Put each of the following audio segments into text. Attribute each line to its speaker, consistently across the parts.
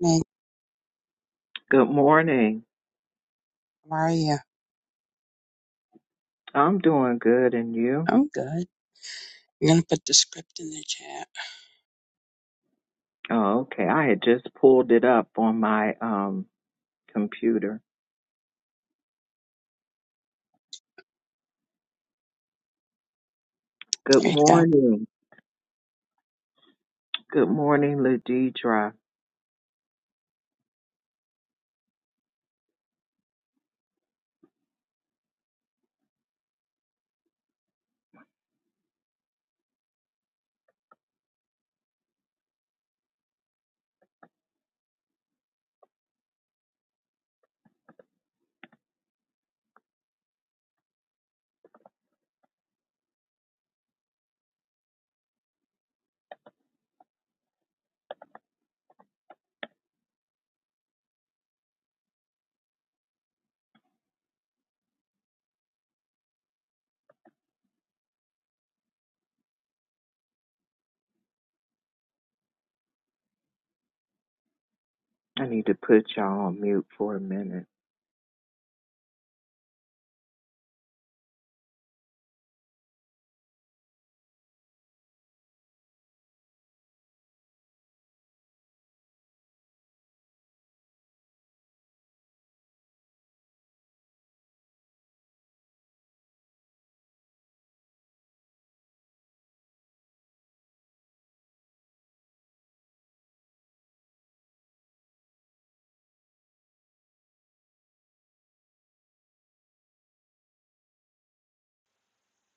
Speaker 1: Hey,
Speaker 2: Good morning.
Speaker 1: how are you?
Speaker 2: I'm doing good, and you?
Speaker 1: I'm good. I'm gonna put the script in the chat.
Speaker 2: Oh, okay. I had just pulled it up on my um computer. Good
Speaker 1: There you go.
Speaker 2: morning. Good morning, Ladidra. I need to put y'all on mute for a minute.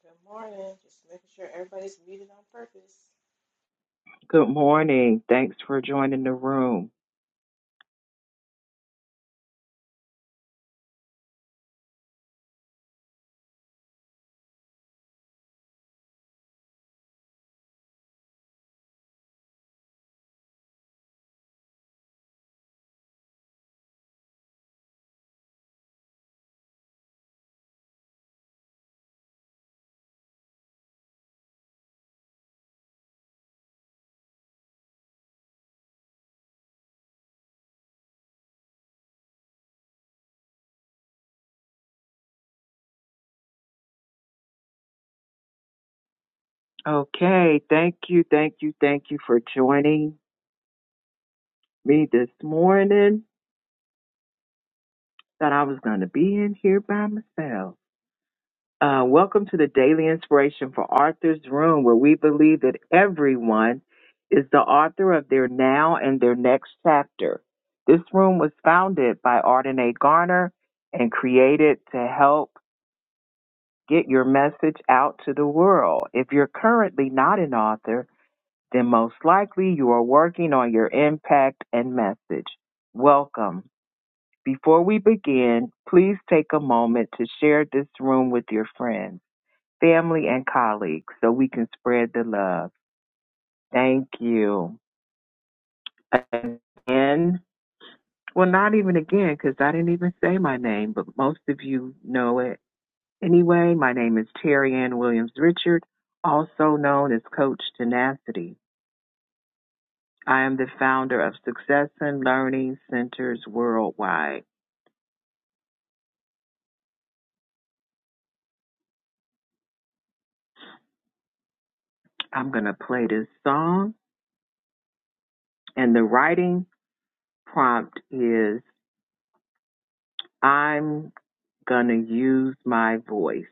Speaker 3: Good morning. Just making sure everybody's muted on purpose.
Speaker 2: Good morning. Thanks for joining the room. Okay. Thank you. Thank you. Thank you for joining me this morning. Thought I was going to be in here by myself. Uh, welcome to the Daily Inspiration for Arthur's Room, where we believe that everyone is the author of their now and their next chapter. This room was founded by Arden A. Garner and created to help get your message out to the world. If you're currently not an author, then most likely you are working on your impact and message. Welcome. Before we begin, please take a moment to share this room with your friends family, and colleagues so we can spread the love. Thank you. Again, well, not even again because I didn't even say my name, but most of you know it. Anyway, my name is Terry Ann Williams Richard, also known as Coach Tenacity. I am the founder of Success and Learning Centers Worldwide. I'm going to play this song, and the writing prompt is I'm going to use my voice.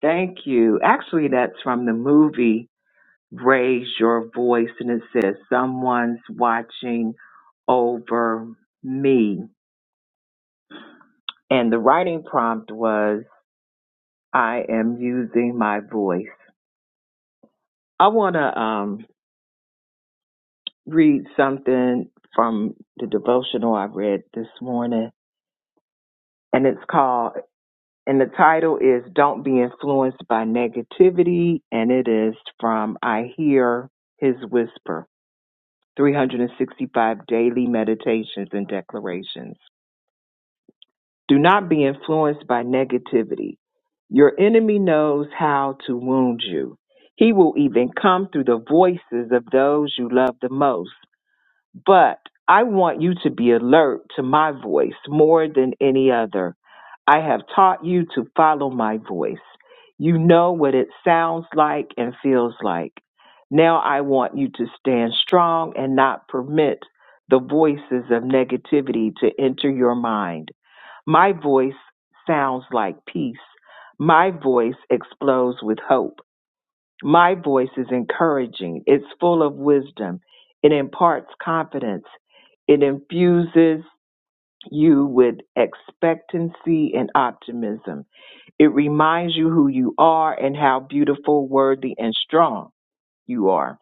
Speaker 2: Thank you. Actually, that's from the movie Raise Your Voice, and it says, Someone's watching over me. And the writing prompt was, I am using my voice. I want to um, read something from the devotional I read this morning, and it's called, and the title is Don't Be Influenced by Negativity, and it is from I Hear His Whisper. 365 daily meditations and declarations. Do not be influenced by negativity. Your enemy knows how to wound you. He will even come through the voices of those you love the most but I want you to be alert to my voice more than any other. I have taught you to follow my voice. You know what it sounds like and feels like. Now I want you to stand strong and not permit the voices of negativity to enter your mind. My voice sounds like peace. My voice explodes with hope. My voice is encouraging. It's full of wisdom. It imparts confidence. It infuses you with expectancy and optimism. It reminds you who you are and how beautiful, worthy, and strong you are.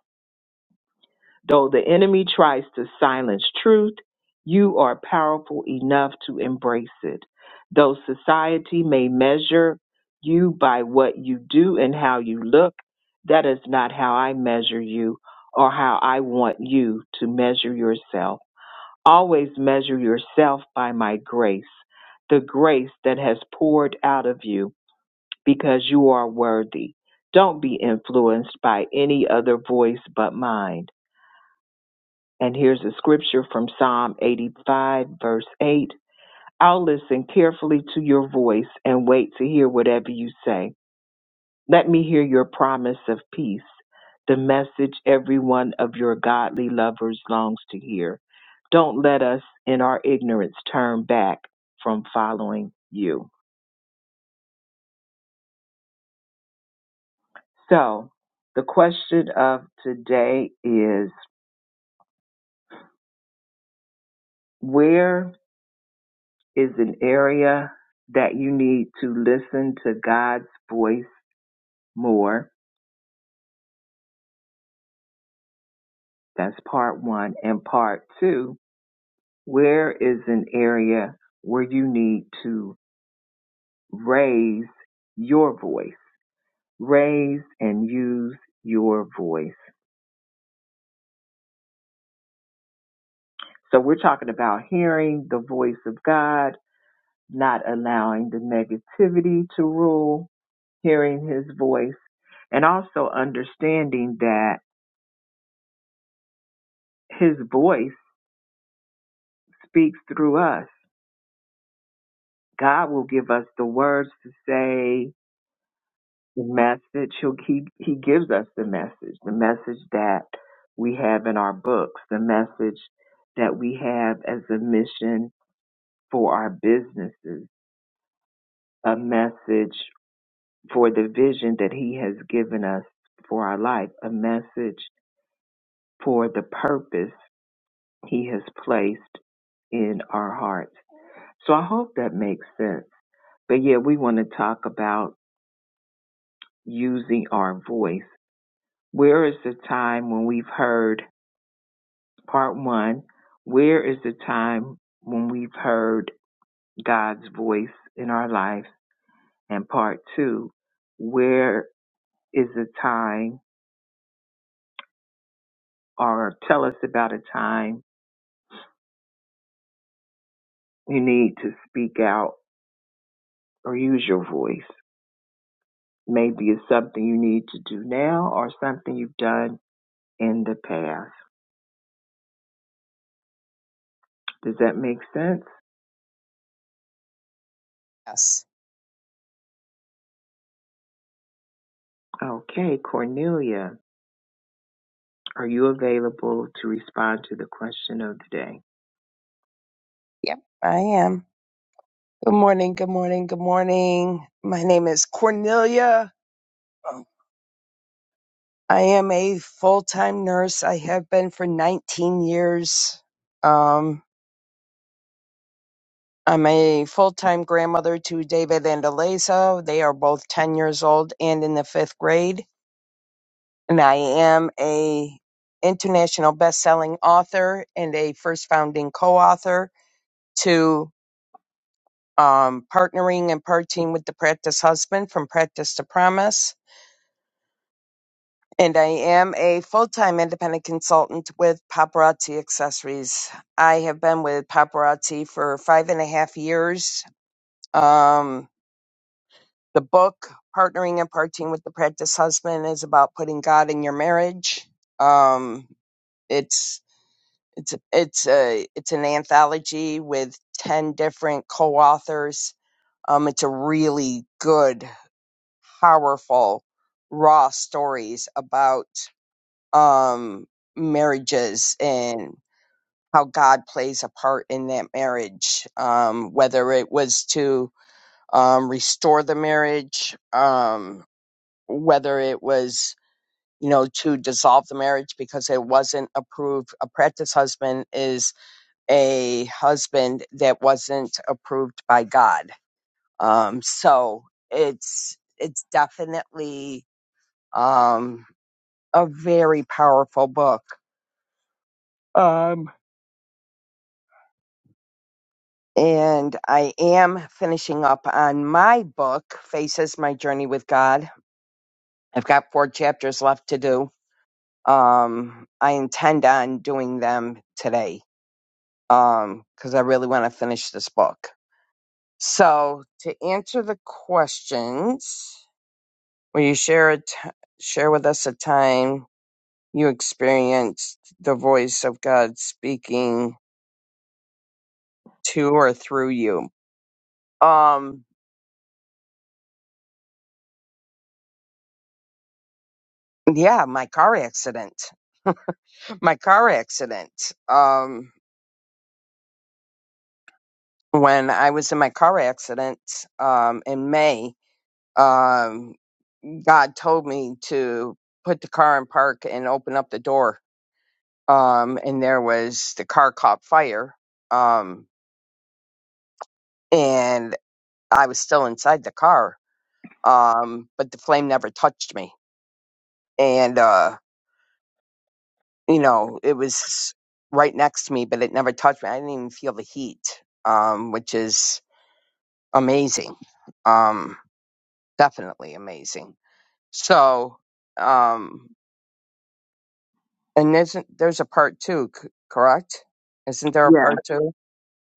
Speaker 2: Though the enemy tries to silence truth, you are powerful enough to embrace it. Though society may measure you by what you do and how you look, that is not how I measure you or how I want you to measure yourself. Always measure yourself by my grace, the grace that has poured out of you because you are worthy. Don't be influenced by any other voice but mine. And here's a scripture from Psalm 85, verse 8. I'll listen carefully to your voice and wait to hear whatever you say. Let me hear your promise of peace, the message every one of your godly lovers longs to hear. Don't let us in our ignorance turn back from following you. So, the question of today is where is an area that you need to listen to God's voice? more. That's part one. And part two, where is an area where you need to raise your voice? Raise and use your voice. So we're talking about hearing the voice of God, not allowing the negativity to rule, hearing his voice, and also understanding that his voice speaks through us. God will give us the words to say, the message he'll, he he gives us the message the message that we have in our books the message that we have as a mission for our businesses a message for the vision that he has given us for our life a message for the purpose he has placed in our hearts so i hope that makes sense but yeah we want to talk about using our voice where is the time when we've heard Part one Where is the time when we've heard God's voice in our lives? And part two Where is the time, or tell us about a time you need to speak out or use your voice? Maybe it's something you need to do now or something you've done in the past. Does that make sense?
Speaker 1: Yes.
Speaker 2: Okay, Cornelia, are you available to respond to the question of the day?
Speaker 1: Yep, I am. Good morning. Good morning. Good morning. My name is Cornelia. I am a full time nurse. I have been for 19 years. Um, I'm a full time grandmother to David and Eliza. They are both 10 years old and in the fifth grade. And I am a international best selling author and a first founding co author. to um, partnering and partying with the practice husband from practice to promise. And I am a full time independent consultant with Paparazzi Accessories. I have been with Paparazzi for five and a half years. Um, the book, Partnering and Partying with the Practice Husband, is about putting God in your marriage. Um, it's it's it's a it's an anthology with ten different co-authors. Um, it's a really good powerful raw stories about um marriages and how God plays a part in that marriage um whether it was to um restore the marriage um whether it was you know to dissolve the marriage because it wasn't approved a practice husband is a husband that wasn't approved by God um so it's it's definitely um a very powerful book. Um, and I am finishing up on my book, Faces My Journey with God. I've got four chapters left to do. Um, I intend on doing them today um, because I really want to finish this book. So, to answer the questions, will you share a t- share with us a time you experienced the voice of God speaking to or through you? Um, Yeah, my car accident. My car accident. Um, when I was in my car accident um, in May, um, God told me to put the car in park and open up the door. Um, and there was the car caught fire. Um, and I was still inside the car. Um, but the flame never touched me. And, uh, you know, it was right next to me, but it never touched me. I didn't even feel the heat. Um, which is amazing. Um, definitely amazing. So, um, and isn't there's a part two, c- correct? Isn't there a
Speaker 2: Yeah,
Speaker 1: part two?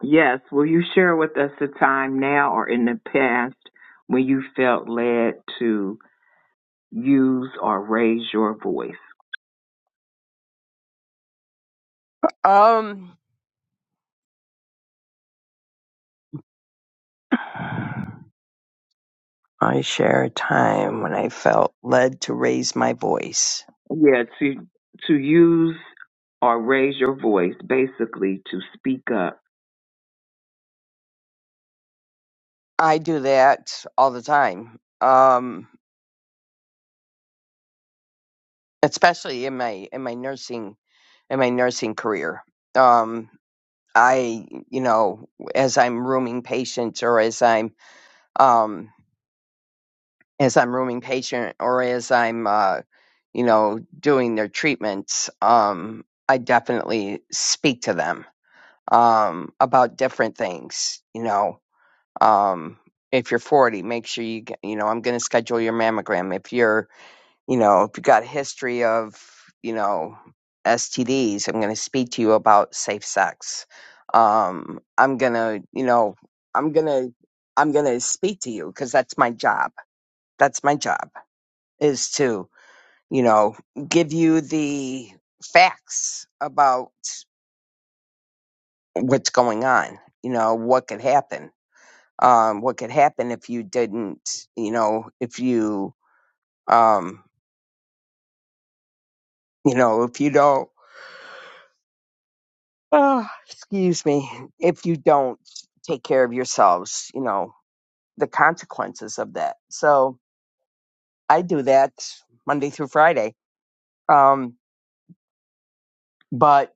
Speaker 2: Yes. Will you share with us a time now or in the past when you felt led to use or raise your voice?
Speaker 1: Um, I share a time when I felt led to raise my voice.
Speaker 2: Yeah, to to use or raise your voice, basically to speak up.
Speaker 1: I do that all the time, um, especially in my in my nursing in my nursing career. Um, I, you know, as I'm rooming patients or as I'm um, as I'm rooming patient or as I'm, uh, you know, doing their treatments, um, I definitely speak to them um, about different things. You know, um, if you're 40, make sure you, get, you know, I'm going to schedule your mammogram. If you're, you know, if you got a history of, you know, STDs, I'm going to speak to you about safe sex. Um, I'm going to, you know, I'm going to, I'm going to speak to you because that's my job. That's my job is to, you know, give you the facts about what's going on, you know, what could happen. Um, what could happen if you didn't, you know, if you, um, you know, if you don't, oh, excuse me, if you don't take care of yourselves, you know, the consequences of that. So I do that Monday through Friday. Um, but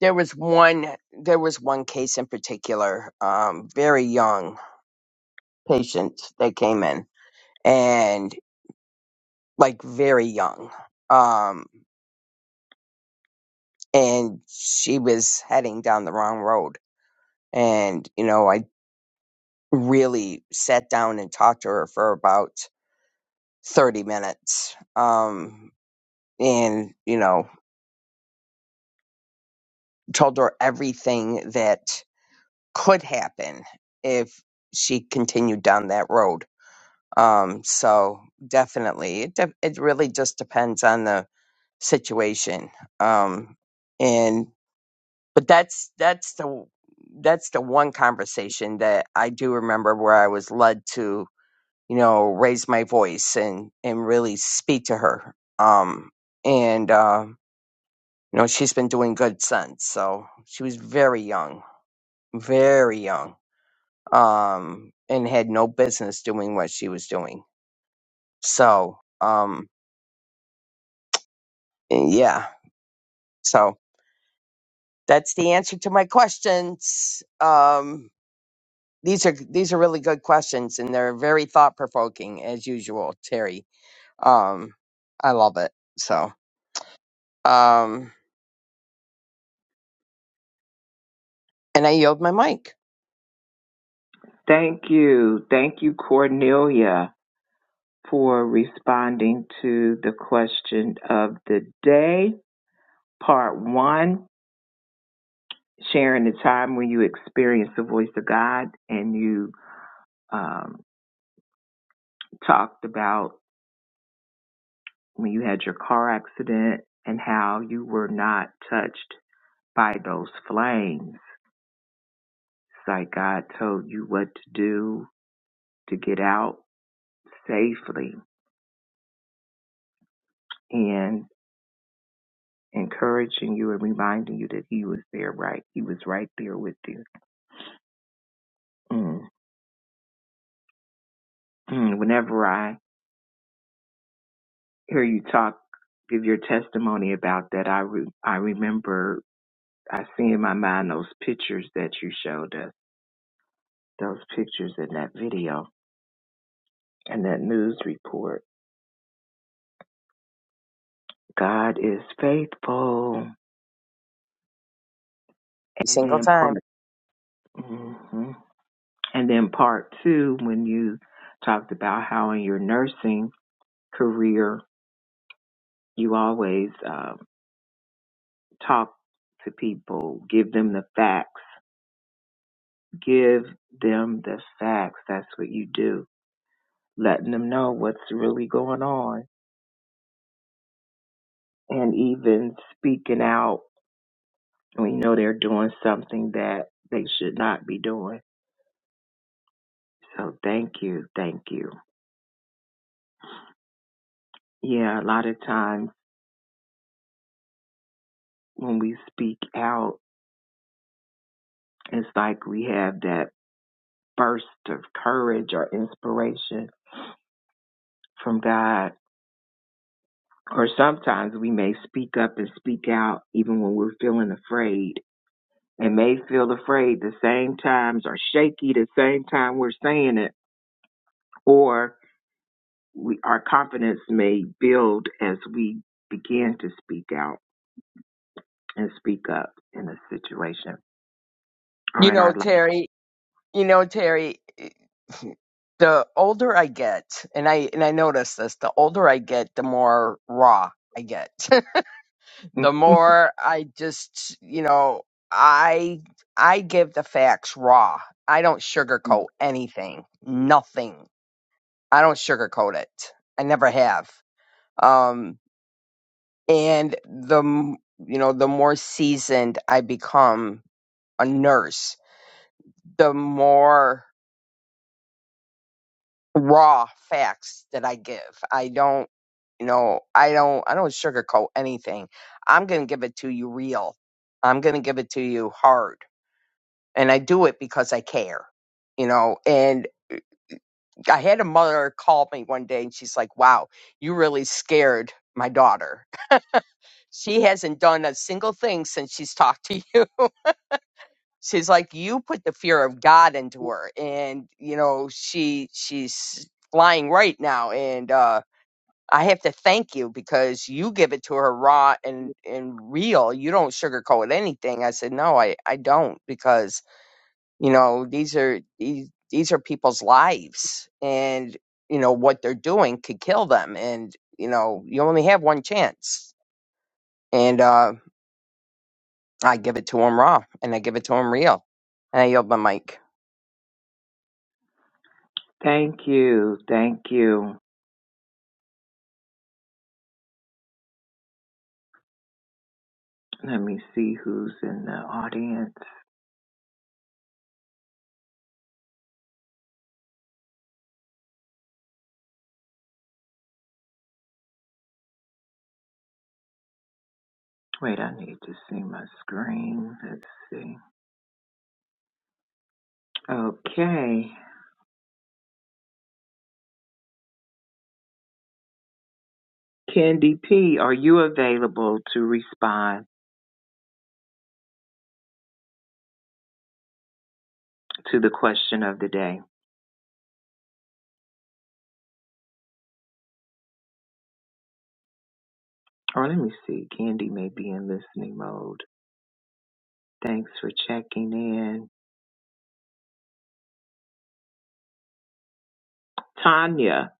Speaker 1: There was one. There was one case in particular, um, very young patient that came in, and like very young, um, and she was heading down the wrong road. And you know, I really sat down and talked to her for about thirty minutes, um, and you know, told her everything that could happen if she continued down that road Um, so definitely, it de- it really just depends on the situation. Um, and but that's that's the that's the one conversation that I do remember where I was led to, you know, raise my voice and and really speak to her. Um, and uh, you know, she's been doing good since. So she was very young, very young, um, and had no business doing what she was doing. So. Um, Eh, yeah so that's the answer to my questions um these are these are really good questions and they're very thought provoking as usual terry um i love it so um and i yield my mic
Speaker 2: Thank you. Thank you, Cornelia, for responding to the question of the day, part one, sharing the time when you experienced the voice of God and you um, talked about when you had your car accident and how you were not touched by those flames. It's like God told you what to do to get out safely and encouraging you and reminding you that He was there, right? He was right there with you. Mm. Mm. Whenever I hear you talk, give your testimony about that, I, re- I remember, I see in my mind those pictures that you showed us, those pictures in that video and that news report God is faithful.
Speaker 1: every
Speaker 2: And
Speaker 1: single
Speaker 2: then part,
Speaker 1: time
Speaker 2: hmm and then part two, when you talked about how in your nursing career you always um, talk to people, give them the facts, give them the facts. That's what you do, letting them know what's really going on, and even speaking out when you know they're doing something that they should not be doing. So thank you, thank you. Yeah, a lot of times when we speak out, it's like we have that burst of courage or inspiration from God. Or sometimes we may speak up and speak out even when we're feeling afraid and may feel afraid the same times or shaky the same time we're saying it. Or we, our confidence may build as we begin to speak out and speak up in a situation or
Speaker 1: you
Speaker 2: in
Speaker 1: know
Speaker 2: our life.
Speaker 1: terry you know terry eh, the older i get and i and i notice this the older i get the more raw i get the more I just, you know, I I give the facts raw. I don't sugarcoat anything. Nothing. I don't sugarcoat it. I never have. Um and the m- you know, the more seasoned I become a nurse, the more raw facts that I give. I don't you know, I don't I don't sugarcoat anything. I'm going to give it to you real. I'm going to give it to you hard and I do it because I care. You know, and I had a mother call me one day and she's like, "Wow, you really scared my daughter. She hasn't done a single thing since she's talked to you." She's like, "You put the fear of God into her." And, you know, she she's flying right now and uh I have to thank you because you give it to her raw and and real. You don't sugarcoat anything. I said, "No, I I don't because you know these are these these are people's lives and you know what they're doing could kill them and you know you only have one chance and uh i give it to them raw and i give it to them real and i yield my mic
Speaker 2: Thank you. Thank you. Let me see who's in the audience. Wait, I need to see my screen. Let's see. Okay. Candy P, are you available to respond to the question of the day? Or let me see. Candy may be in listening mode. Thanks for checking in. Tanya,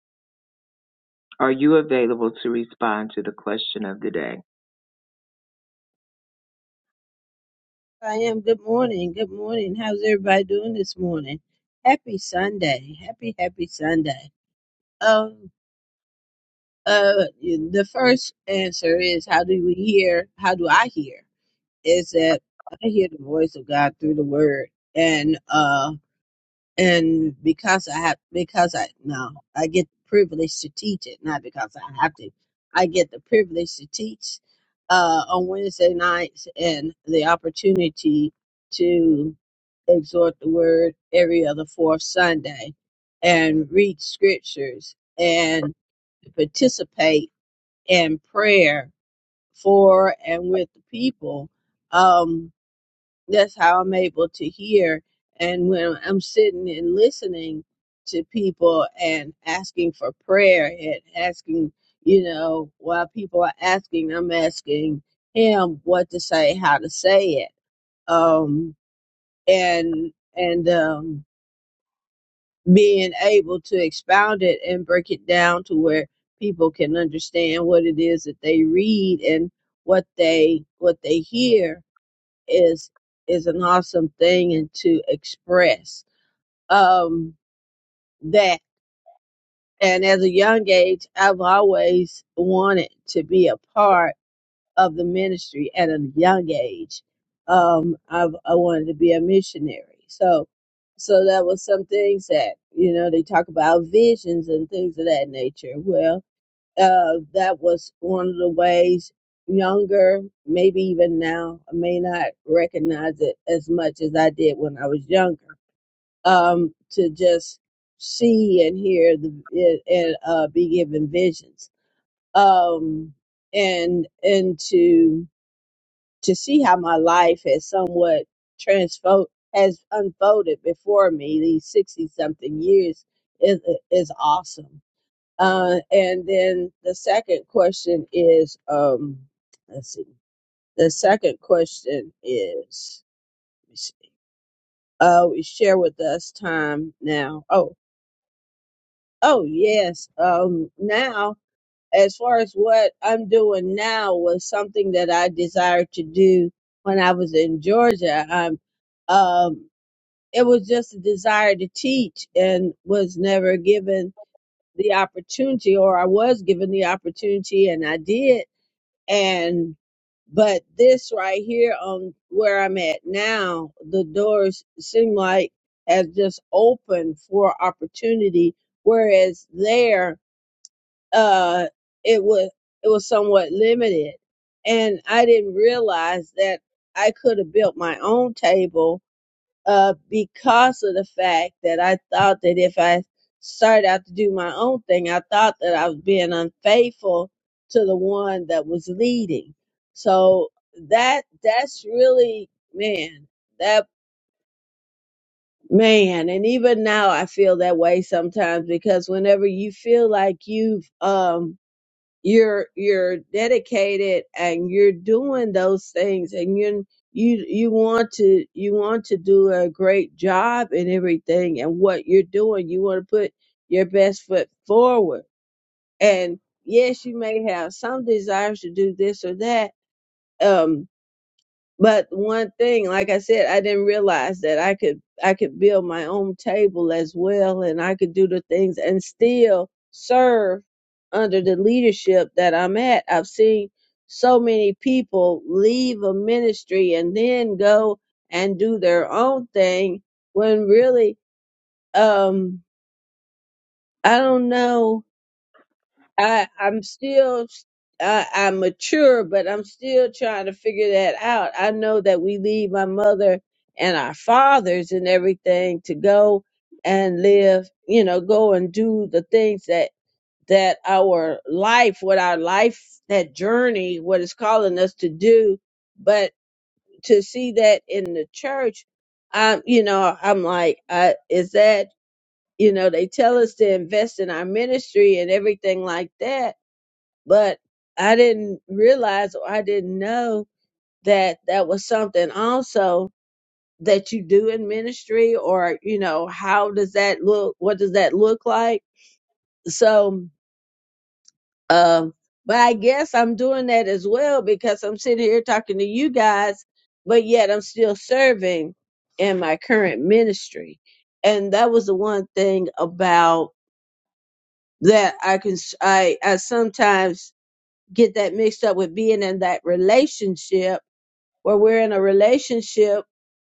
Speaker 2: are you available to respond to the question of the day?
Speaker 4: I am. Good morning. Good morning. How's everybody doing this morning? Happy Sunday. Happy, happy Sunday. Um, uh, the first answer is how do we hear? How do I hear? Is that I hear the voice of God through the word. And, uh and because I have, because I no, I get the privilege to teach it, not because I have to. I get the privilege to teach uh, on Wednesday nights and the opportunity to exhort the word every other fourth Sunday and read scriptures and participate in prayer for and with the people. Um, that's how I'm able to hear. And when I'm sitting and listening to people and asking for prayer and asking, you know, while people are asking, I'm asking him what to say, how to say it. Um, and, and, um, being able to expound it and break it down to where people can understand what it is that they read and what they, what they hear is is an awesome thing and to express um that and as a young age i've always wanted to be a part of the ministry at a young age um i've i wanted to be a missionary so so that was some things that you know they talk about visions and things of that nature well uh, that was one of the ways younger, maybe even now, I may not recognize it as much as I did when I was younger, um, to just see and hear the, it, and uh, be given visions. Um, and, and to, to see how my life has somewhat transfo has unfolded before me these 60 something years is, is awesome uh, and then the second question is, um, let's see. The second question is, let me see. uh, we share with us time now. Oh, oh yes. Um, now as far as what I'm doing now was something that I desired to do when I was in Georgia. I'm, um, it was just a desire to teach and was never given the opportunity or I was given the opportunity and I did and but this right here on where I'm at now, the doors seem like as just opened for opportunity, whereas there uh it was it was somewhat limited. And I didn't realize that I could have built my own table uh, because of the fact that I thought that if I started out to do my own thing, I thought that I was being unfaithful to the one that was leading. So that that's really man, that man, and even now I feel that way sometimes because whenever you feel like you've um you're you're dedicated and you're doing those things and you you you want to you want to do a great job in everything and what you're doing you want to put your best foot forward and yes you may have some desires to do this or that um but one thing, like I said, I didn't realize that I could I could build my own table as well and I could do the things and still serve under the leadership that I'm at. I've seen so many people leave a ministry and then go and do their own thing when really um I don't know I I'm still I, I'm mature, but I'm still trying to figure that out. I know that we leave my mother and our fathers and everything to go and live, you know, go and do the things that that our life, what our life, that journey, what is calling us to do. But to see that in the church, I'm, you know, I'm like, uh, is that, you know, they tell us to invest in our ministry and everything like that but I didn't realize or I didn't know that that was something also that you do in ministry or you know how does that look what does that look like so um but I guess I'm doing that as well because I'm sitting here talking to you guys but yet I'm still serving in my current ministry and that was the one thing about that I can I I sometimes get that mixed up with being in that relationship where we're in a relationship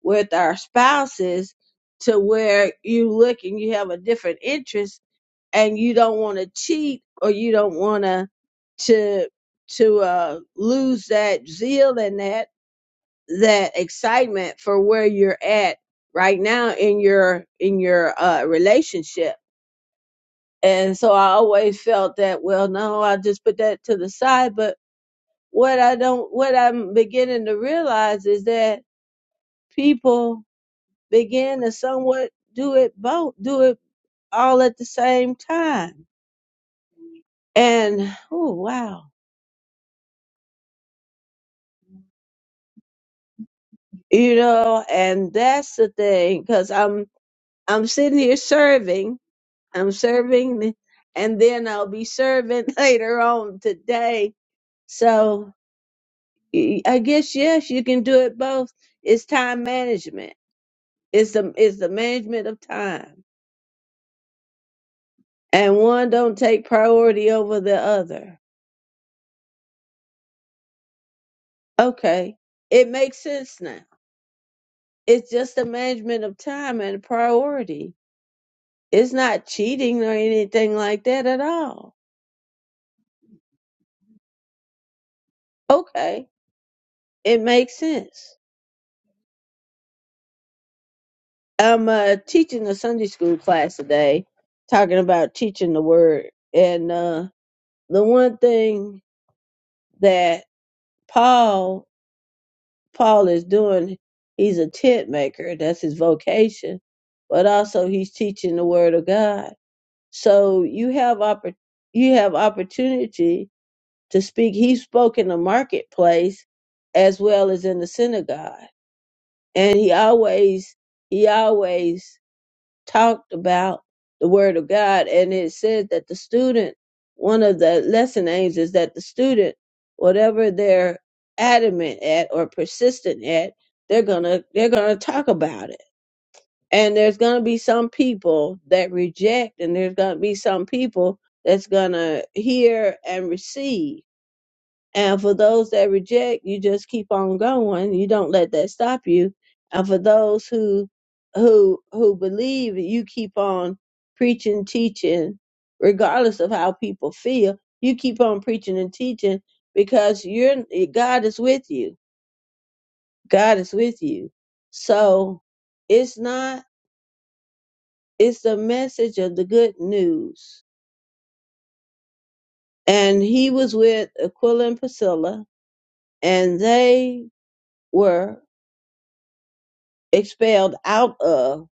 Speaker 4: with our spouses to where you look and you have a different interest and you don't want to cheat or you don't want to to to uh lose that zeal and that that excitement for where you're at right now in your in your uh relationship and so i always felt that well no i will just put that to the side but what i don't what i'm beginning to realize is that people begin to somewhat do it both, do it all at the same time. And oh wow, you know, and that's the thing because I'm I'm sitting here serving, I'm serving, and then I'll be serving later on today. So y- I guess yes, you can do it both. It's time management. It's the it's the management of time, and one don't take priority over the other. Okay, it makes sense now It's just the management of time and priority. It's not cheating or anything like that at all. Okay, it makes sense. I'm uh, teaching a Sunday school class today, talking about teaching the word. And uh, the one thing that Paul Paul is doing, he's a tent maker. That's his vocation, but also he's teaching the word of God. So you have oppor- you have opportunity to speak. He spoke in the marketplace as well as in the synagogue. And he always he always talked about the word of God. And it said that the student, one of the lesson aims is that the student, whatever they're adamant at or persistent at, they're gonna they're gonna talk about it. And there's gonna be some people that reject and there's gonna be some people that's gonna hear and receive and for those that reject, you just keep on going. You don't let that stop you. And for those who who who believe, you keep on preaching, teaching, regardless of how people feel. You keep on preaching and teaching because you're God is with you. God is with you. So it's not it's the message of the good news. And he was with Aquila and Priscilla, and they were expelled out of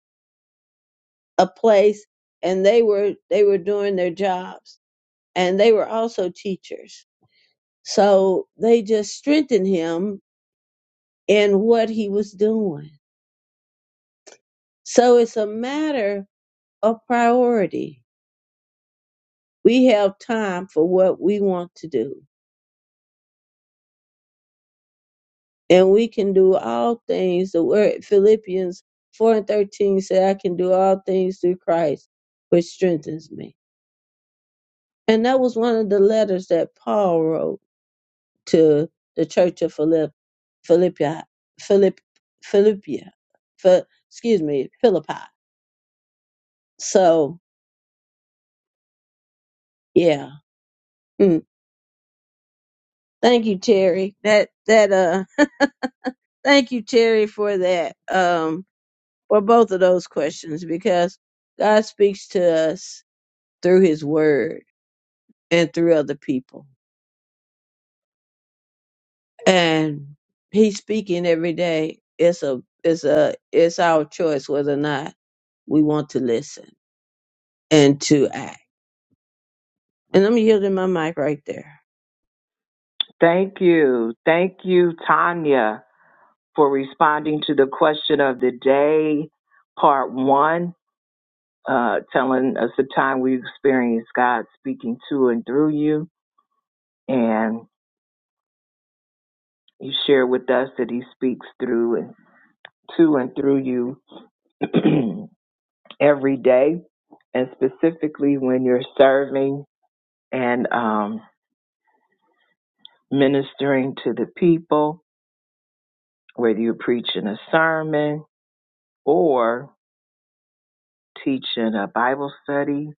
Speaker 4: a place and they were they were doing their jobs and they were also teachers so they just strengthened him in what he was doing so it's a matter of priority we have time for what we want to do and we can do all things the word philippians 4 and 13 said i can do all things through christ which strengthens me and that was one of the letters that paul wrote to the church of Philip, Philippia, Philip, Philippia, Phil, excuse me, Philippi. So yeah, mm. thank you, Terry. That that uh, thank you, Terry, for that um, for both of those questions because God speaks to us through His Word and through other people, and He's speaking every day. It's a it's a it's our choice whether or not we want to listen and to act. And I'm yielding my mic right there.
Speaker 2: Thank you. Thank you, Tanya, for responding to the question of the day, part one. uh, telling us the time we experienced God speaking to and through you. And you share with us that He speaks through and to and through you every day, and specifically when you're serving and um, ministering to the people, whether you're preaching a sermon or teaching a Bible study.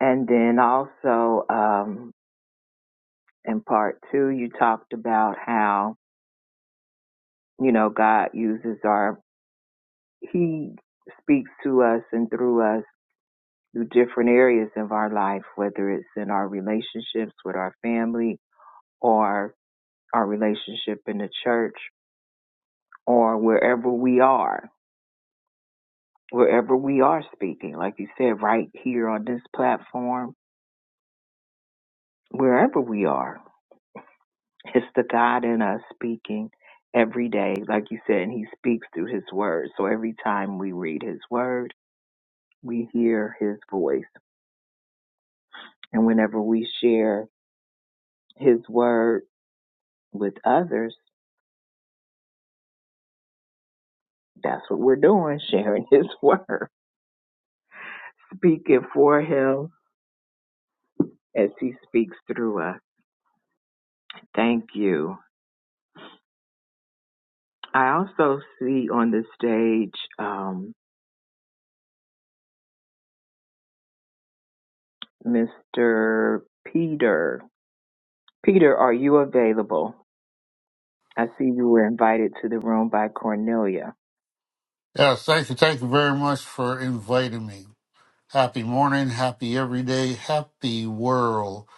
Speaker 2: And then also um, in part two, you talked about how you know, God uses our he speaks to us and through us through different areas of our life, whether it's in our relationships with our family or our relationship in the church or wherever we are, wherever we are speaking, like you said, right here on this platform, wherever we are, it's the God in us speaking every day, like you said, and he speaks through his word. So every time we read his word, we hear his voice. And whenever we share his word with others, that's what we're doing, sharing his word, speaking for him as he speaks through us. Thank you. I also see on the stage um, Mr. Peter. Peter, are you available? I see you were invited to the room by Cornelia.
Speaker 5: Yeah, thank you. Thank you very much for inviting me. Happy morning, happy every day, happy world.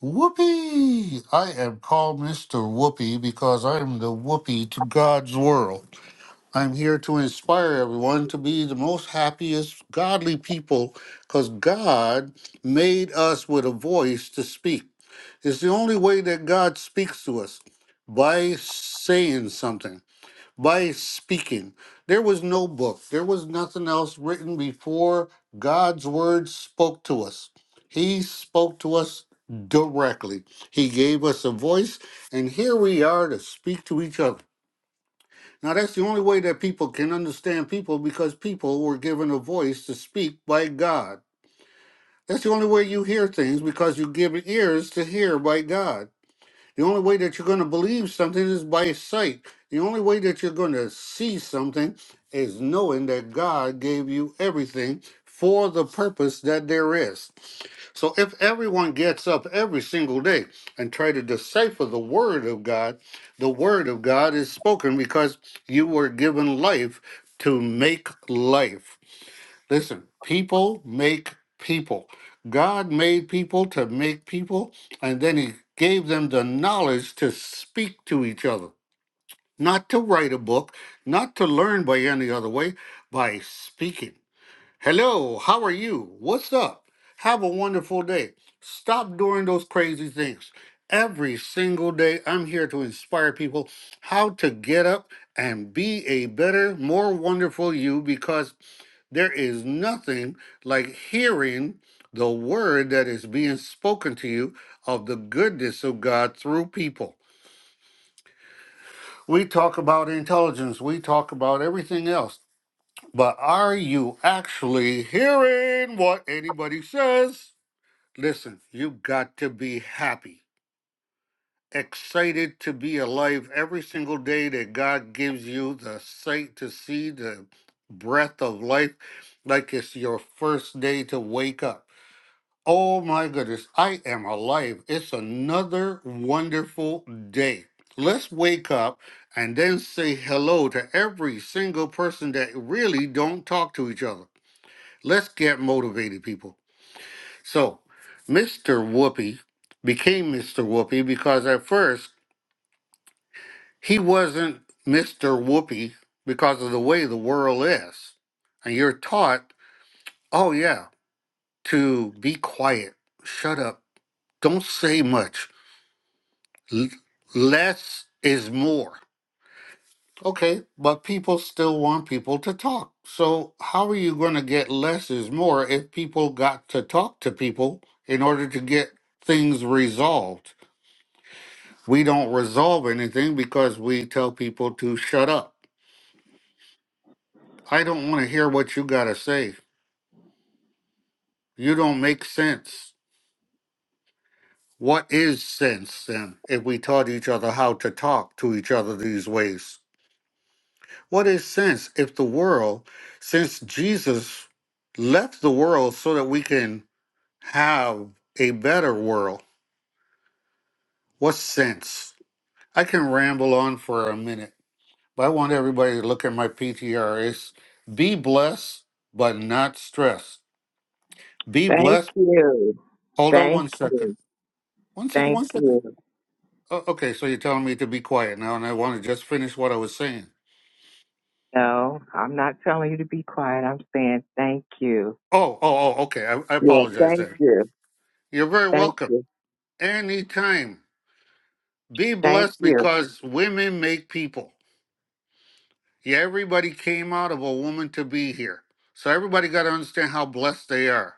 Speaker 5: Whoopee! I am called Mr. Whoopee because I am the whoopee to God's world. I'm here to inspire everyone to be the most happiest, godly people because God made us with a voice to speak. It's the only way that God speaks to us by saying something by speaking. There was no book, there was nothing else written before God's word spoke to us. He spoke to us directly. He gave us a voice, and here we are to speak to each other. Now, that's the only way that people can understand people because people were given a voice to speak by God. That's the only way you hear things because you give ears to hear by God. The only way that you're going to believe something is by sight. The only way that you're going to see something is knowing that God gave you everything for the purpose that there is. So if everyone gets up every single day and try to decipher the word of God, the word of God is spoken because you were given life to make life. Listen, people make people. God made people to make people, and then He gave them the knowledge to speak to each other, not to write a book, not to learn by any other way, by speaking. Hello, how are you? What's up? Have a wonderful day. Stop doing those crazy things. Every single day, I'm here to inspire people how to get up and be a better, more wonderful you because there is nothing like hearing the word that is being spoken to you of the goodness of God through people. We talk about intelligence, we talk about everything else, but are you actually hearing what anybody says? Listen, you've got to be happy, excited to be alive every single day that God gives you the sight to see the breath of life like it's your first day to wake up Oh my goodness, I am alive. It's another wonderful day. Let's wake up and then say hello to every single person that really don't talk to each other. Let's get motivated, people. So, Mr. Whoopi became Mr. Whoopi because at first he wasn't Mr. Whoopi because of the way the world is. And you're taught, oh yeah, to be quiet, shut up, don't say much L- less is more. Okay, but people still want people to talk. So, how are you going to get less is more if people got to talk to people in order to get things resolved? We don't resolve anything because we tell people to shut up. I don't want to hear what you got to say. You don't make sense. What is sense then if we taught each other how to talk to each other these ways? What is sense if the world, since Jesus left the world so that we can have a better world, what's sense? I can ramble on for a minute, but I want everybody to look at my PTR. It's be blessed, but not stressed. Be
Speaker 2: Thank
Speaker 5: blessed.
Speaker 2: you.
Speaker 5: Hold on
Speaker 2: Thank
Speaker 5: one second.
Speaker 2: you.
Speaker 5: One second,
Speaker 2: Thank
Speaker 5: one second.
Speaker 2: you.
Speaker 5: Oh, okay, so you're telling me to be quiet now, and I want to just finish what I was saying.
Speaker 2: No, I'm not telling you to be quiet. I'm saying thank you.
Speaker 5: Oh, oh, oh, okay. I, I
Speaker 2: Yeah,
Speaker 5: apologize
Speaker 2: thank
Speaker 5: There,
Speaker 2: you.
Speaker 5: You're very
Speaker 2: Thank
Speaker 5: welcome.
Speaker 2: you.
Speaker 5: Anytime. Be
Speaker 2: Thank
Speaker 5: blessed
Speaker 2: you.
Speaker 5: because women make people. Yeah, everybody came out of a woman to be here. So everybody got to understand how blessed they are.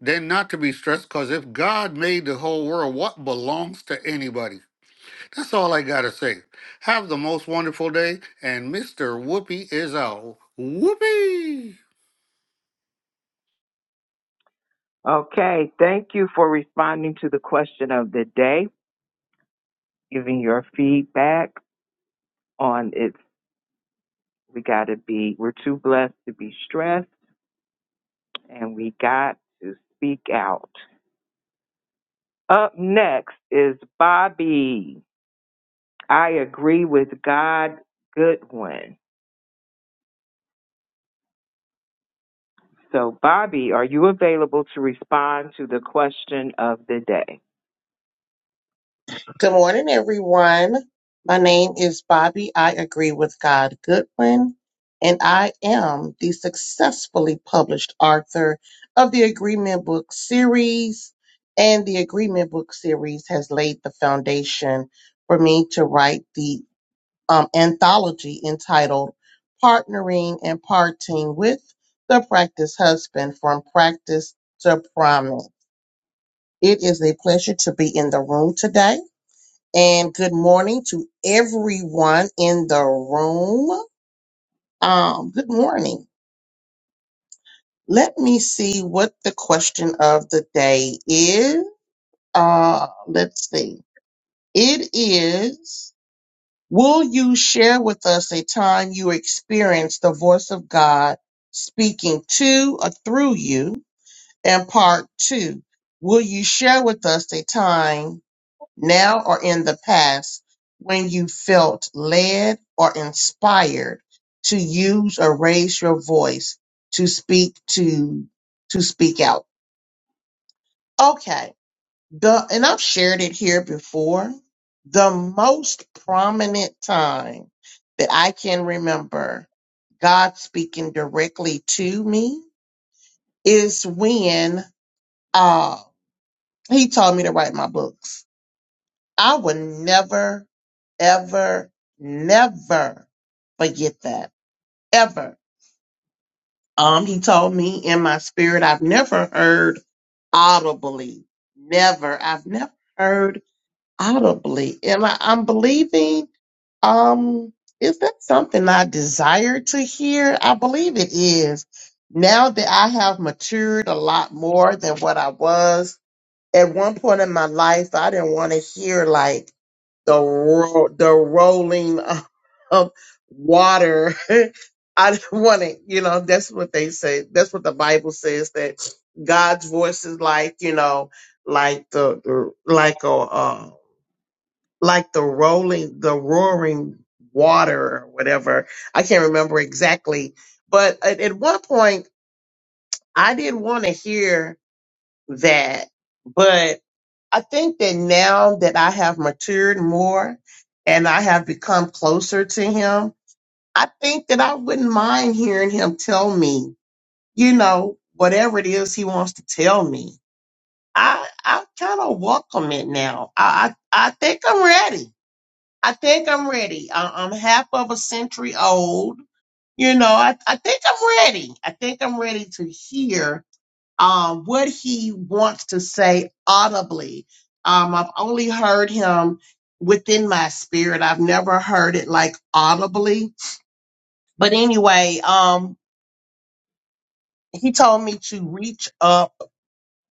Speaker 5: Then not to be stressed because if God made the whole world, what belongs to anybody? That's all I got to say. Have the most wonderful day. And Mr. Whoopi is out. Whoopi!
Speaker 2: Okay, thank you for responding to the question of the day, giving your feedback on it's we got to be we're too blessed to be stressed and we got to speak out. Up next is Bobby. I agree with God Goodwin. So Bobby, are you available to respond to the question of the day?
Speaker 6: Good morning, everyone. My name is Bobby. I agree with God Goodwin, and I am the successfully published author of the Agreement Book series. And the Agreement Book series has laid the foundation for me to write the um, anthology entitled Partnering and Parting with the Practice Husband from Practice to Promise. It is a pleasure to be in the room today and good morning to everyone in the room. Um, good morning. Let me see what the question of the day is. Uh, let's see. It is, will you share with us a time you experienced the voice of God speaking to or through you? And part two, will you share with us a time now or in the past when you felt led or inspired to use or raise your voice to speak to to speak out okay the and i've shared it here before the most prominent time that i can remember god speaking directly to me is when uh he told me to write my books I will never, ever, never forget that. Ever. Um, he told me in my spirit, I've never heard audibly. Never. I've never heard audibly. And I, I'm believing, um, is that something I desire to hear? I believe it is. Now that I have matured a lot more than what I was at one point in my life, I didn't want to hear like the ro- the rolling of of water. I want it, you know. That's what they say. That's what the Bible says that God's voice is like, you know, like the, the like a uh, like the rolling, the roaring water or whatever. I can't remember exactly, but at, at one point I didn't want to hear that, I think that now that I have matured more and I have become closer to him, I think that I wouldn't mind hearing him tell me, you know, whatever it is he wants to tell me. I I kind of welcome it now. I, I I think I'm ready. I think I'm ready. I, I'm half of a century old. You know, I, I think I'm ready. I think I'm ready to hear uh, what he wants to say audibly. Um, I've only heard him within my spirit. I've never heard it like audibly. But anyway, um, he told me to reach up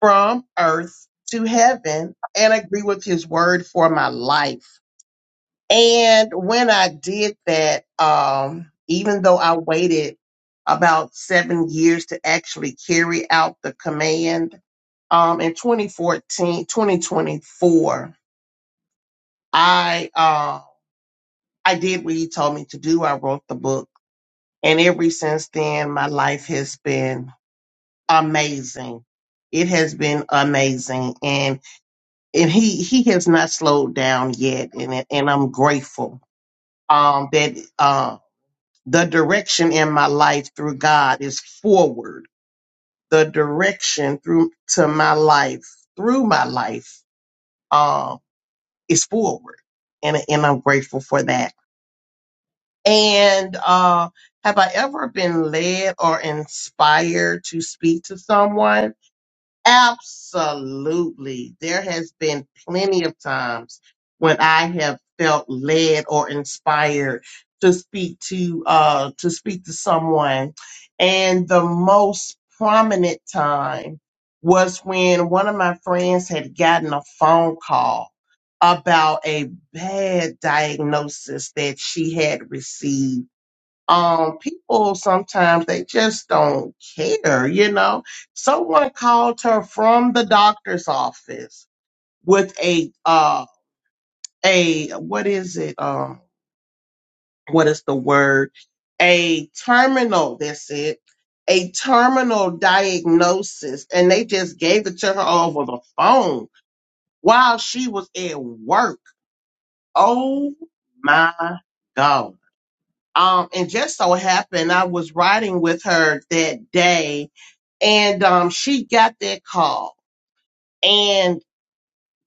Speaker 6: from earth to heaven and agree with his word for my life. And when I did that, um, even though I waited about seven years to actually carry out the command, um, in 2014 2024, I, uh, I did what he told me to do. I wrote the book. And ever since then, my life has been amazing. It has been amazing. And, and he, he has not slowed down yet. And, and I'm grateful, um, that, um, the direction in my life through God is forward. The direction through to my life through my life um, is forward, and and I'm grateful for that. And uh, have I ever been led or inspired to speak to someone? Absolutely. There has been plenty of times when I have felt led or inspired to speak to uh to speak to someone. And the most prominent time was when one of my friends had gotten a phone call about a bad diagnosis that she had received um, people sometimes they just don't care, you know. Someone called her from the doctor's office with a uh a what is it? Um what is the word? A terminal, that's it. A terminal diagnosis, and they just gave it to her over the phone while she was at work. Oh my God. Um, and just so happened I was riding with her that day and um, she got that call and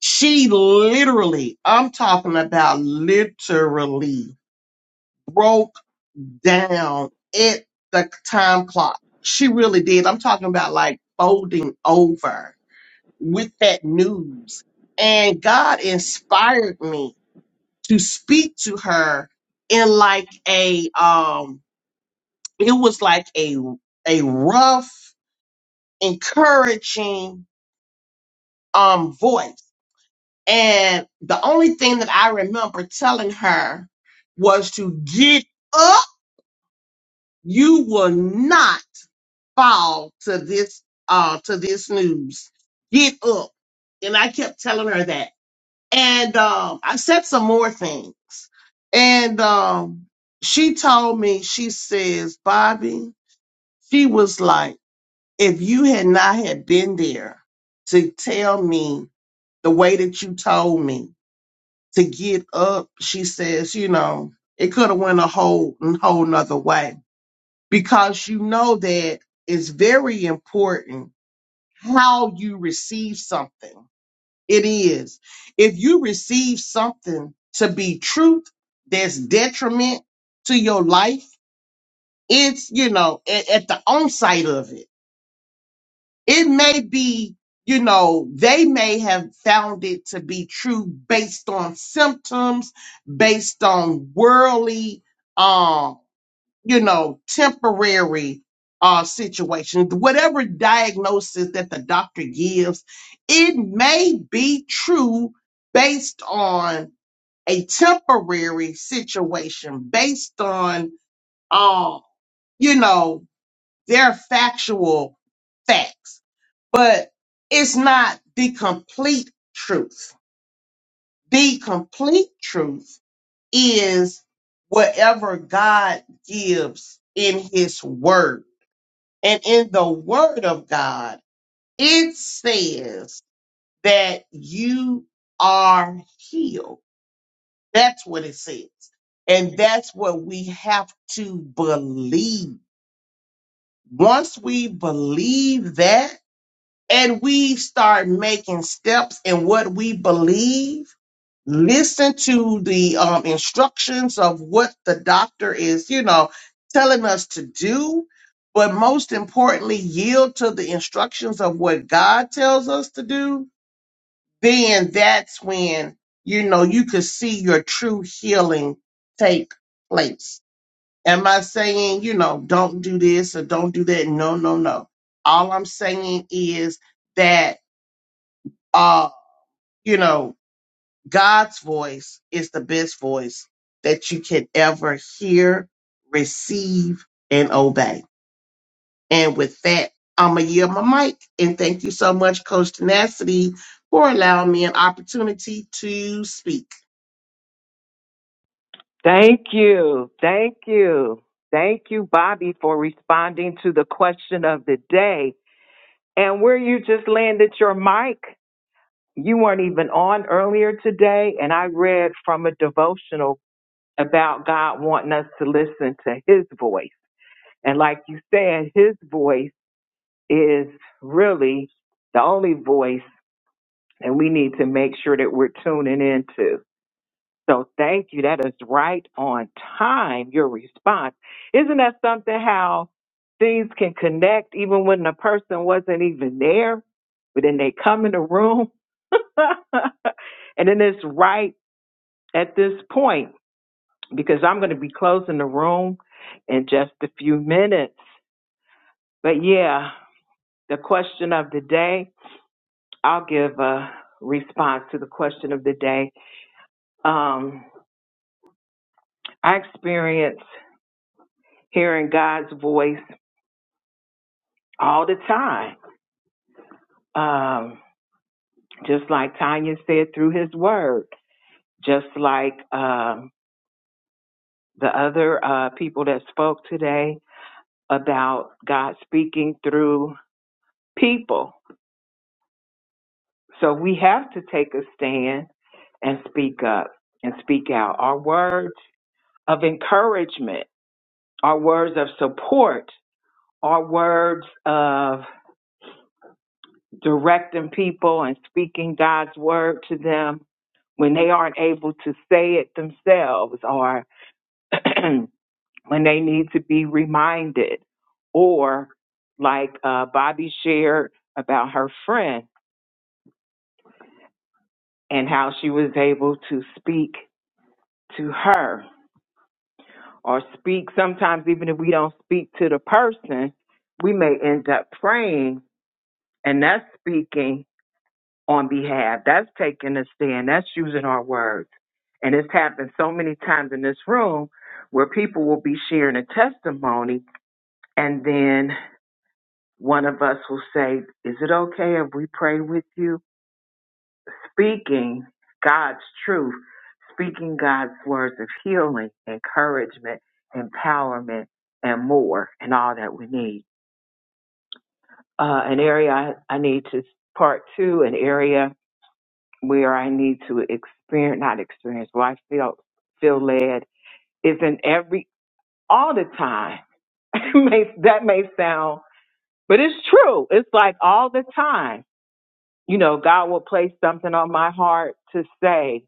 Speaker 6: she literally i'm talking about literally broke down at the time clock she really did i'm talking about like folding over with that news and god inspired me to speak to her in like a um it was like a a rough encouraging um voice And the only thing that I remember telling her was to get up. You will not fall to this uh to this news. Get up. And I kept telling her that. And um I said some more things. And um she told me, she says, Bobby, she was like, if you had not had been there to tell me the way that you told me, to get up, she says, you know, it could have went a whole whole nother way. Because you know that it's very important how you receive something. It is. If you receive something to be truth that's detriment to your life, it's, you know, at, at the onset of it. It may be, you know, they may have found it to be true based on symptoms, based on worldly, um, you know, temporary uh, situations. Whatever diagnosis that the doctor gives, it may be true based on a temporary situation, based on, uh, you know, their factual facts but it's not the complete truth. The complete truth is whatever God gives in his word. And in the word of God, it says that you are healed. That's what it says. And that's what we have to believe. Once we believe that, and we start making steps in what we believe, listen to the um, instructions of what the doctor is, you know, telling us to do, but most importantly, yield to the instructions of what God tells us to do, then that's when, you know, you could see your true healing take place. Am I saying, you know, don't do this or don't do that? No, no, no. All I'm saying is that uh, you know, God's voice is the best voice that you can ever hear, receive, and obey. And with that, I'm going to yield my mic. And thank you so much, Coach Tenacity, for allowing me an opportunity to speak.
Speaker 2: Thank you. Thank you. Thank you, Bobby, for responding to the question of the day. And where you just landed your mic, you weren't even on earlier today. And I read from a devotional about God wanting us to listen to His voice. And like you said, His voice is really the only voice, and we need to make sure that we're tuning into. So thank you. That is right on time, your response. Isn't that something how things can connect even when the person wasn't even there, but then they come in the room? and then it's right at this point because I'm going to be closing the room in just a few minutes. But yeah, the question of the day, I'll give a response to the question of the day. Um, I experienced hearing God's voice all the time. Um, just like Tanya said through his word, just like um, the other uh, people that spoke today about God speaking through people. So we have to take a stand and speak up and speak out. Our words of encouragement, our words of support, our words of directing people and speaking God's word to them when they aren't able to say it themselves or when they need to be reminded or like uh, bobby shared about her friend and how she was able to speak to her or speak sometimes even if we don't speak to the person we may end up praying and that's speaking on behalf. That's taking a stand. That's using our words. And it's happened so many times in this room where people will be sharing a testimony and then one of us will say, Is it okay if we pray with you? Speaking God's truth, speaking God's words of healing, encouragement, empowerment, and more, and all that we need. Uh, an area I, I need to part two, an area where I need to experience, not experience, where I feel feel led is in every all the time. may, that may sound, but it's true. It's like all the time. You know, God will place something on my heart to say,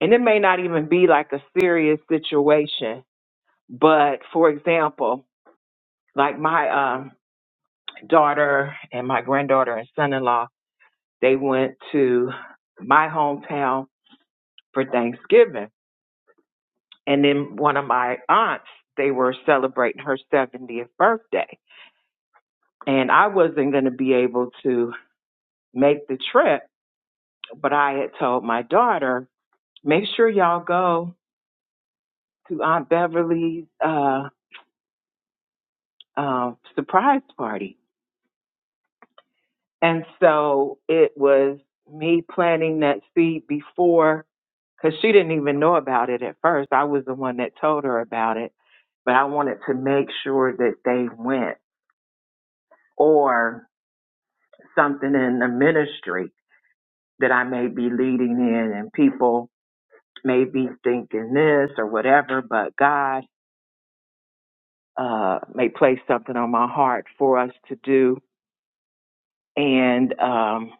Speaker 2: and it may not even be like a serious situation. But for example, like my um, daughter and my granddaughter and son-in-law, they went to my hometown for Thanksgiving And then one of my aunts, they were celebrating her 70th birthday. And I wasn't going to be able to make the trip, but I had told my daughter, make sure y'all go to Aunt Beverly's uh, uh, surprise party. And so it was me planting that seed before, because she didn't even know about it at first. I was the one that told her about it, but I wanted to make sure that they went. Or something in the ministry that I may be leading in, and people may be thinking this or whatever, but God uh, may place something on my heart for us to do. And um,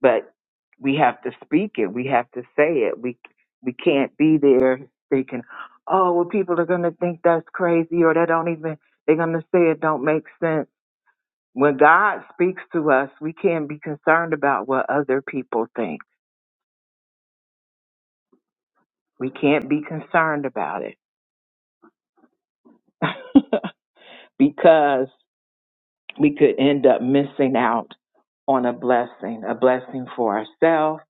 Speaker 2: but we have to speak it. We have to say it. We we can't be there thinking, oh, well, people are gonna think that's crazy, or they don't even they're gonna say it don't make sense. When God speaks to us, we can't be concerned about what other people think We can't be concerned about it because we could end up missing out on a blessing, a blessing for ourselves,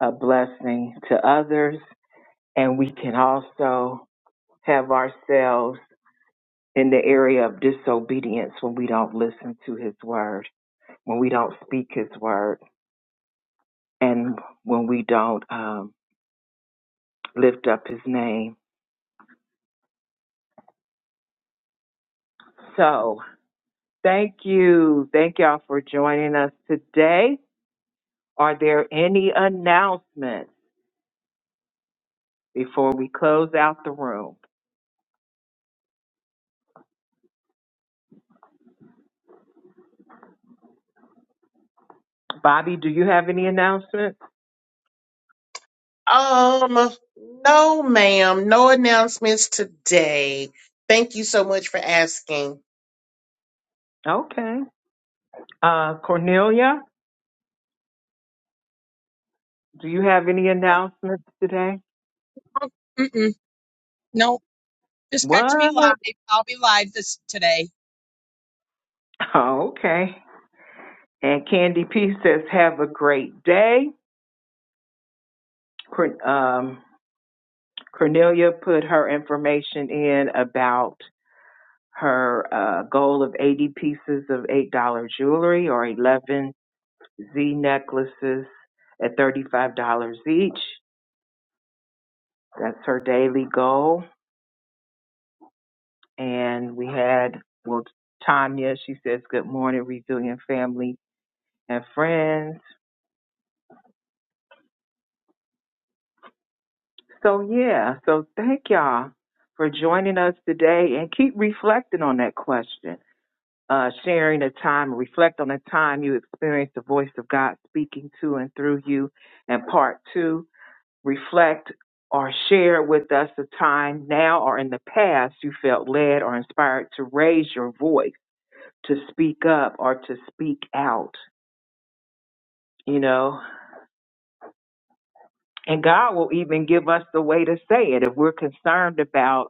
Speaker 2: a blessing to others, and we can also have ourselves in the area of disobedience when we don't listen to his word, when we don't speak his word, and when we don't um, lift up his name. So, thank you. Thank y'all for joining us today. Are there any announcements before we close out the room? Bobby, do you have any announcements?
Speaker 6: Um, no, ma'am, no announcements today. Thank you so much for asking.
Speaker 2: Okay. Uh, Cornelia, do you have any announcements today?
Speaker 1: Mm-mm. No, just
Speaker 2: What?
Speaker 1: catch me live. I'll be live this today.
Speaker 2: Oh, okay. And Candy P says, have a great day. Corn- Um, Cornelia put her information in about her uh, goal of 80 pieces of $8 jewelry or 11 Z necklaces at $35 each. That's her daily goal. And we had, well, Tanya, she says, Good morning, resilient family and friends. So, yeah, so thank y'all for joining us today and keep reflecting on that question, uh, sharing a time, reflect on a time you experienced the voice of God speaking to and through you. And part two, reflect or share with us a time now or in the past you felt led or inspired to raise your voice to speak up or to speak out, you know. And God will even give us the way to say it. If we're concerned about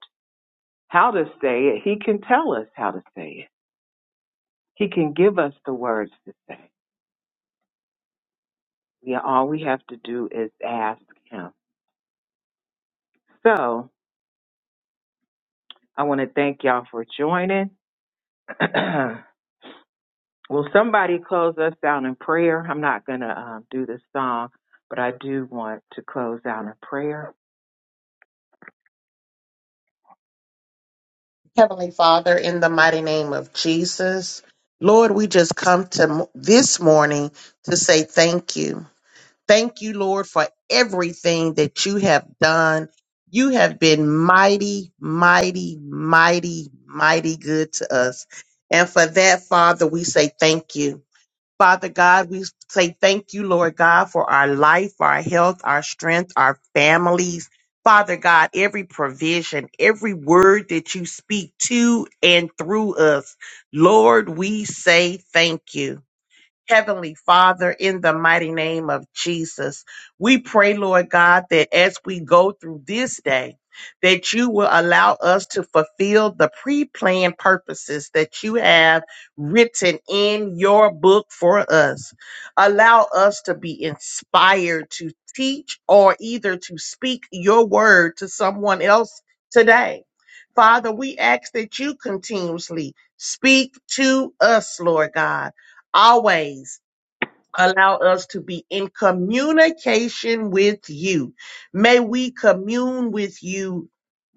Speaker 2: how to say it, He can tell us how to say it. He can give us the words to say. Yeah, all we have to do is ask Him. So I want to thank y'all for joining. Will somebody close us out in prayer? I'm not going to um, do the song, but I do want to close out in prayer.
Speaker 6: Heavenly Father, in the mighty name of Jesus, Lord, we just come to m- this morning to say thank you. Thank you, Lord, for everything that you have done. You have been mighty, mighty, mighty, mighty good to us. And for that, Father, we say thank you. Father God, we say thank you, Lord God, for our life, our health, our strength, our families. Father God, every provision, every word that you speak to and through us, Lord, we say thank you. Heavenly Father, in the mighty name of Jesus, we pray, Lord God, that as we go through this day, that you will allow us to fulfill the pre planned purposes that you have written in your book for us. Allow us to be inspired to teach or either to speak your word to someone else today. Father, we ask that you continuously speak to us, Lord God always allow us to be in communication with you. May we commune with you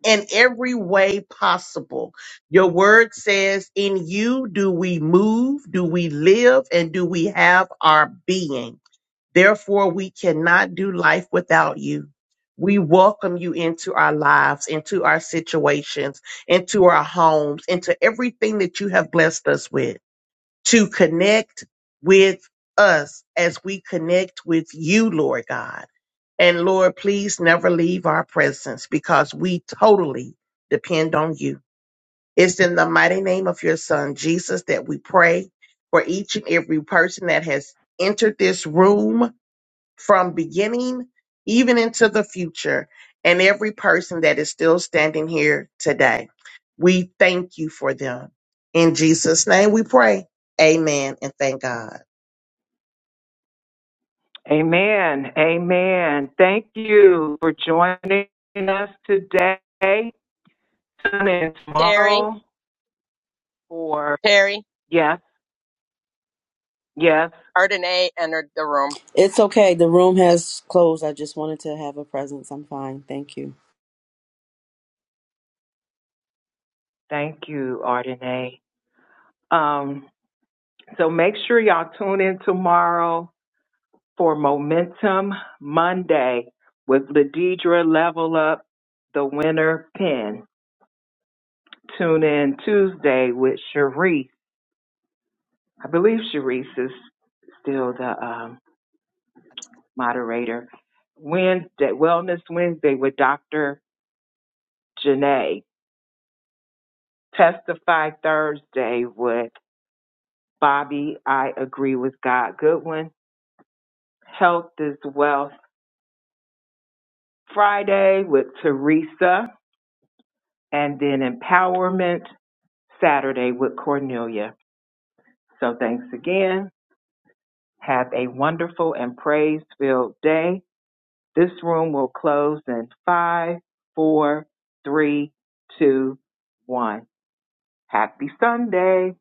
Speaker 6: in every way possible. Your word says, In you do we move, do we live, and do we have our being. Therefore, we cannot do life without you. We welcome you into our lives, into our situations, into our homes, into everything that you have blessed us with to connect with us as we connect with you, Lord God. And Lord, please never leave our presence because we totally depend on you. It's in the mighty name of your son, Jesus, that we pray for each and every person that has entered this room from beginning even into the future and every person that is still standing here today. We thank you for them. In Jesus' name we pray. Amen and thank God.
Speaker 2: Amen. Amen. Thank you for joining us today and
Speaker 1: Terry,
Speaker 2: tomorrow for
Speaker 1: Terry,
Speaker 2: yes, yes.
Speaker 1: Ardenay entered the room.
Speaker 7: It's okay. The room has closed. I just wanted to have a presence. I'm fine. Thank you.
Speaker 2: Thank you, Ardenae. Um, so make sure y'all tune in tomorrow for Momentum Monday with Ladidra Level Up, the winner pin. Tune in Tuesday with Sharice. I believe Sharice is still the um, moderator. Wednesday, Wellness Wednesday with Dr. Janae. Testify Thursday with Bobby. I agree with God Goodwin. Health is Wealth Friday with Teresa. And then Empowerment Saturday with Cornelia. So thanks again. Have a wonderful and praise filled day. This room will close in five, four, three, two, one. Happy Sunday.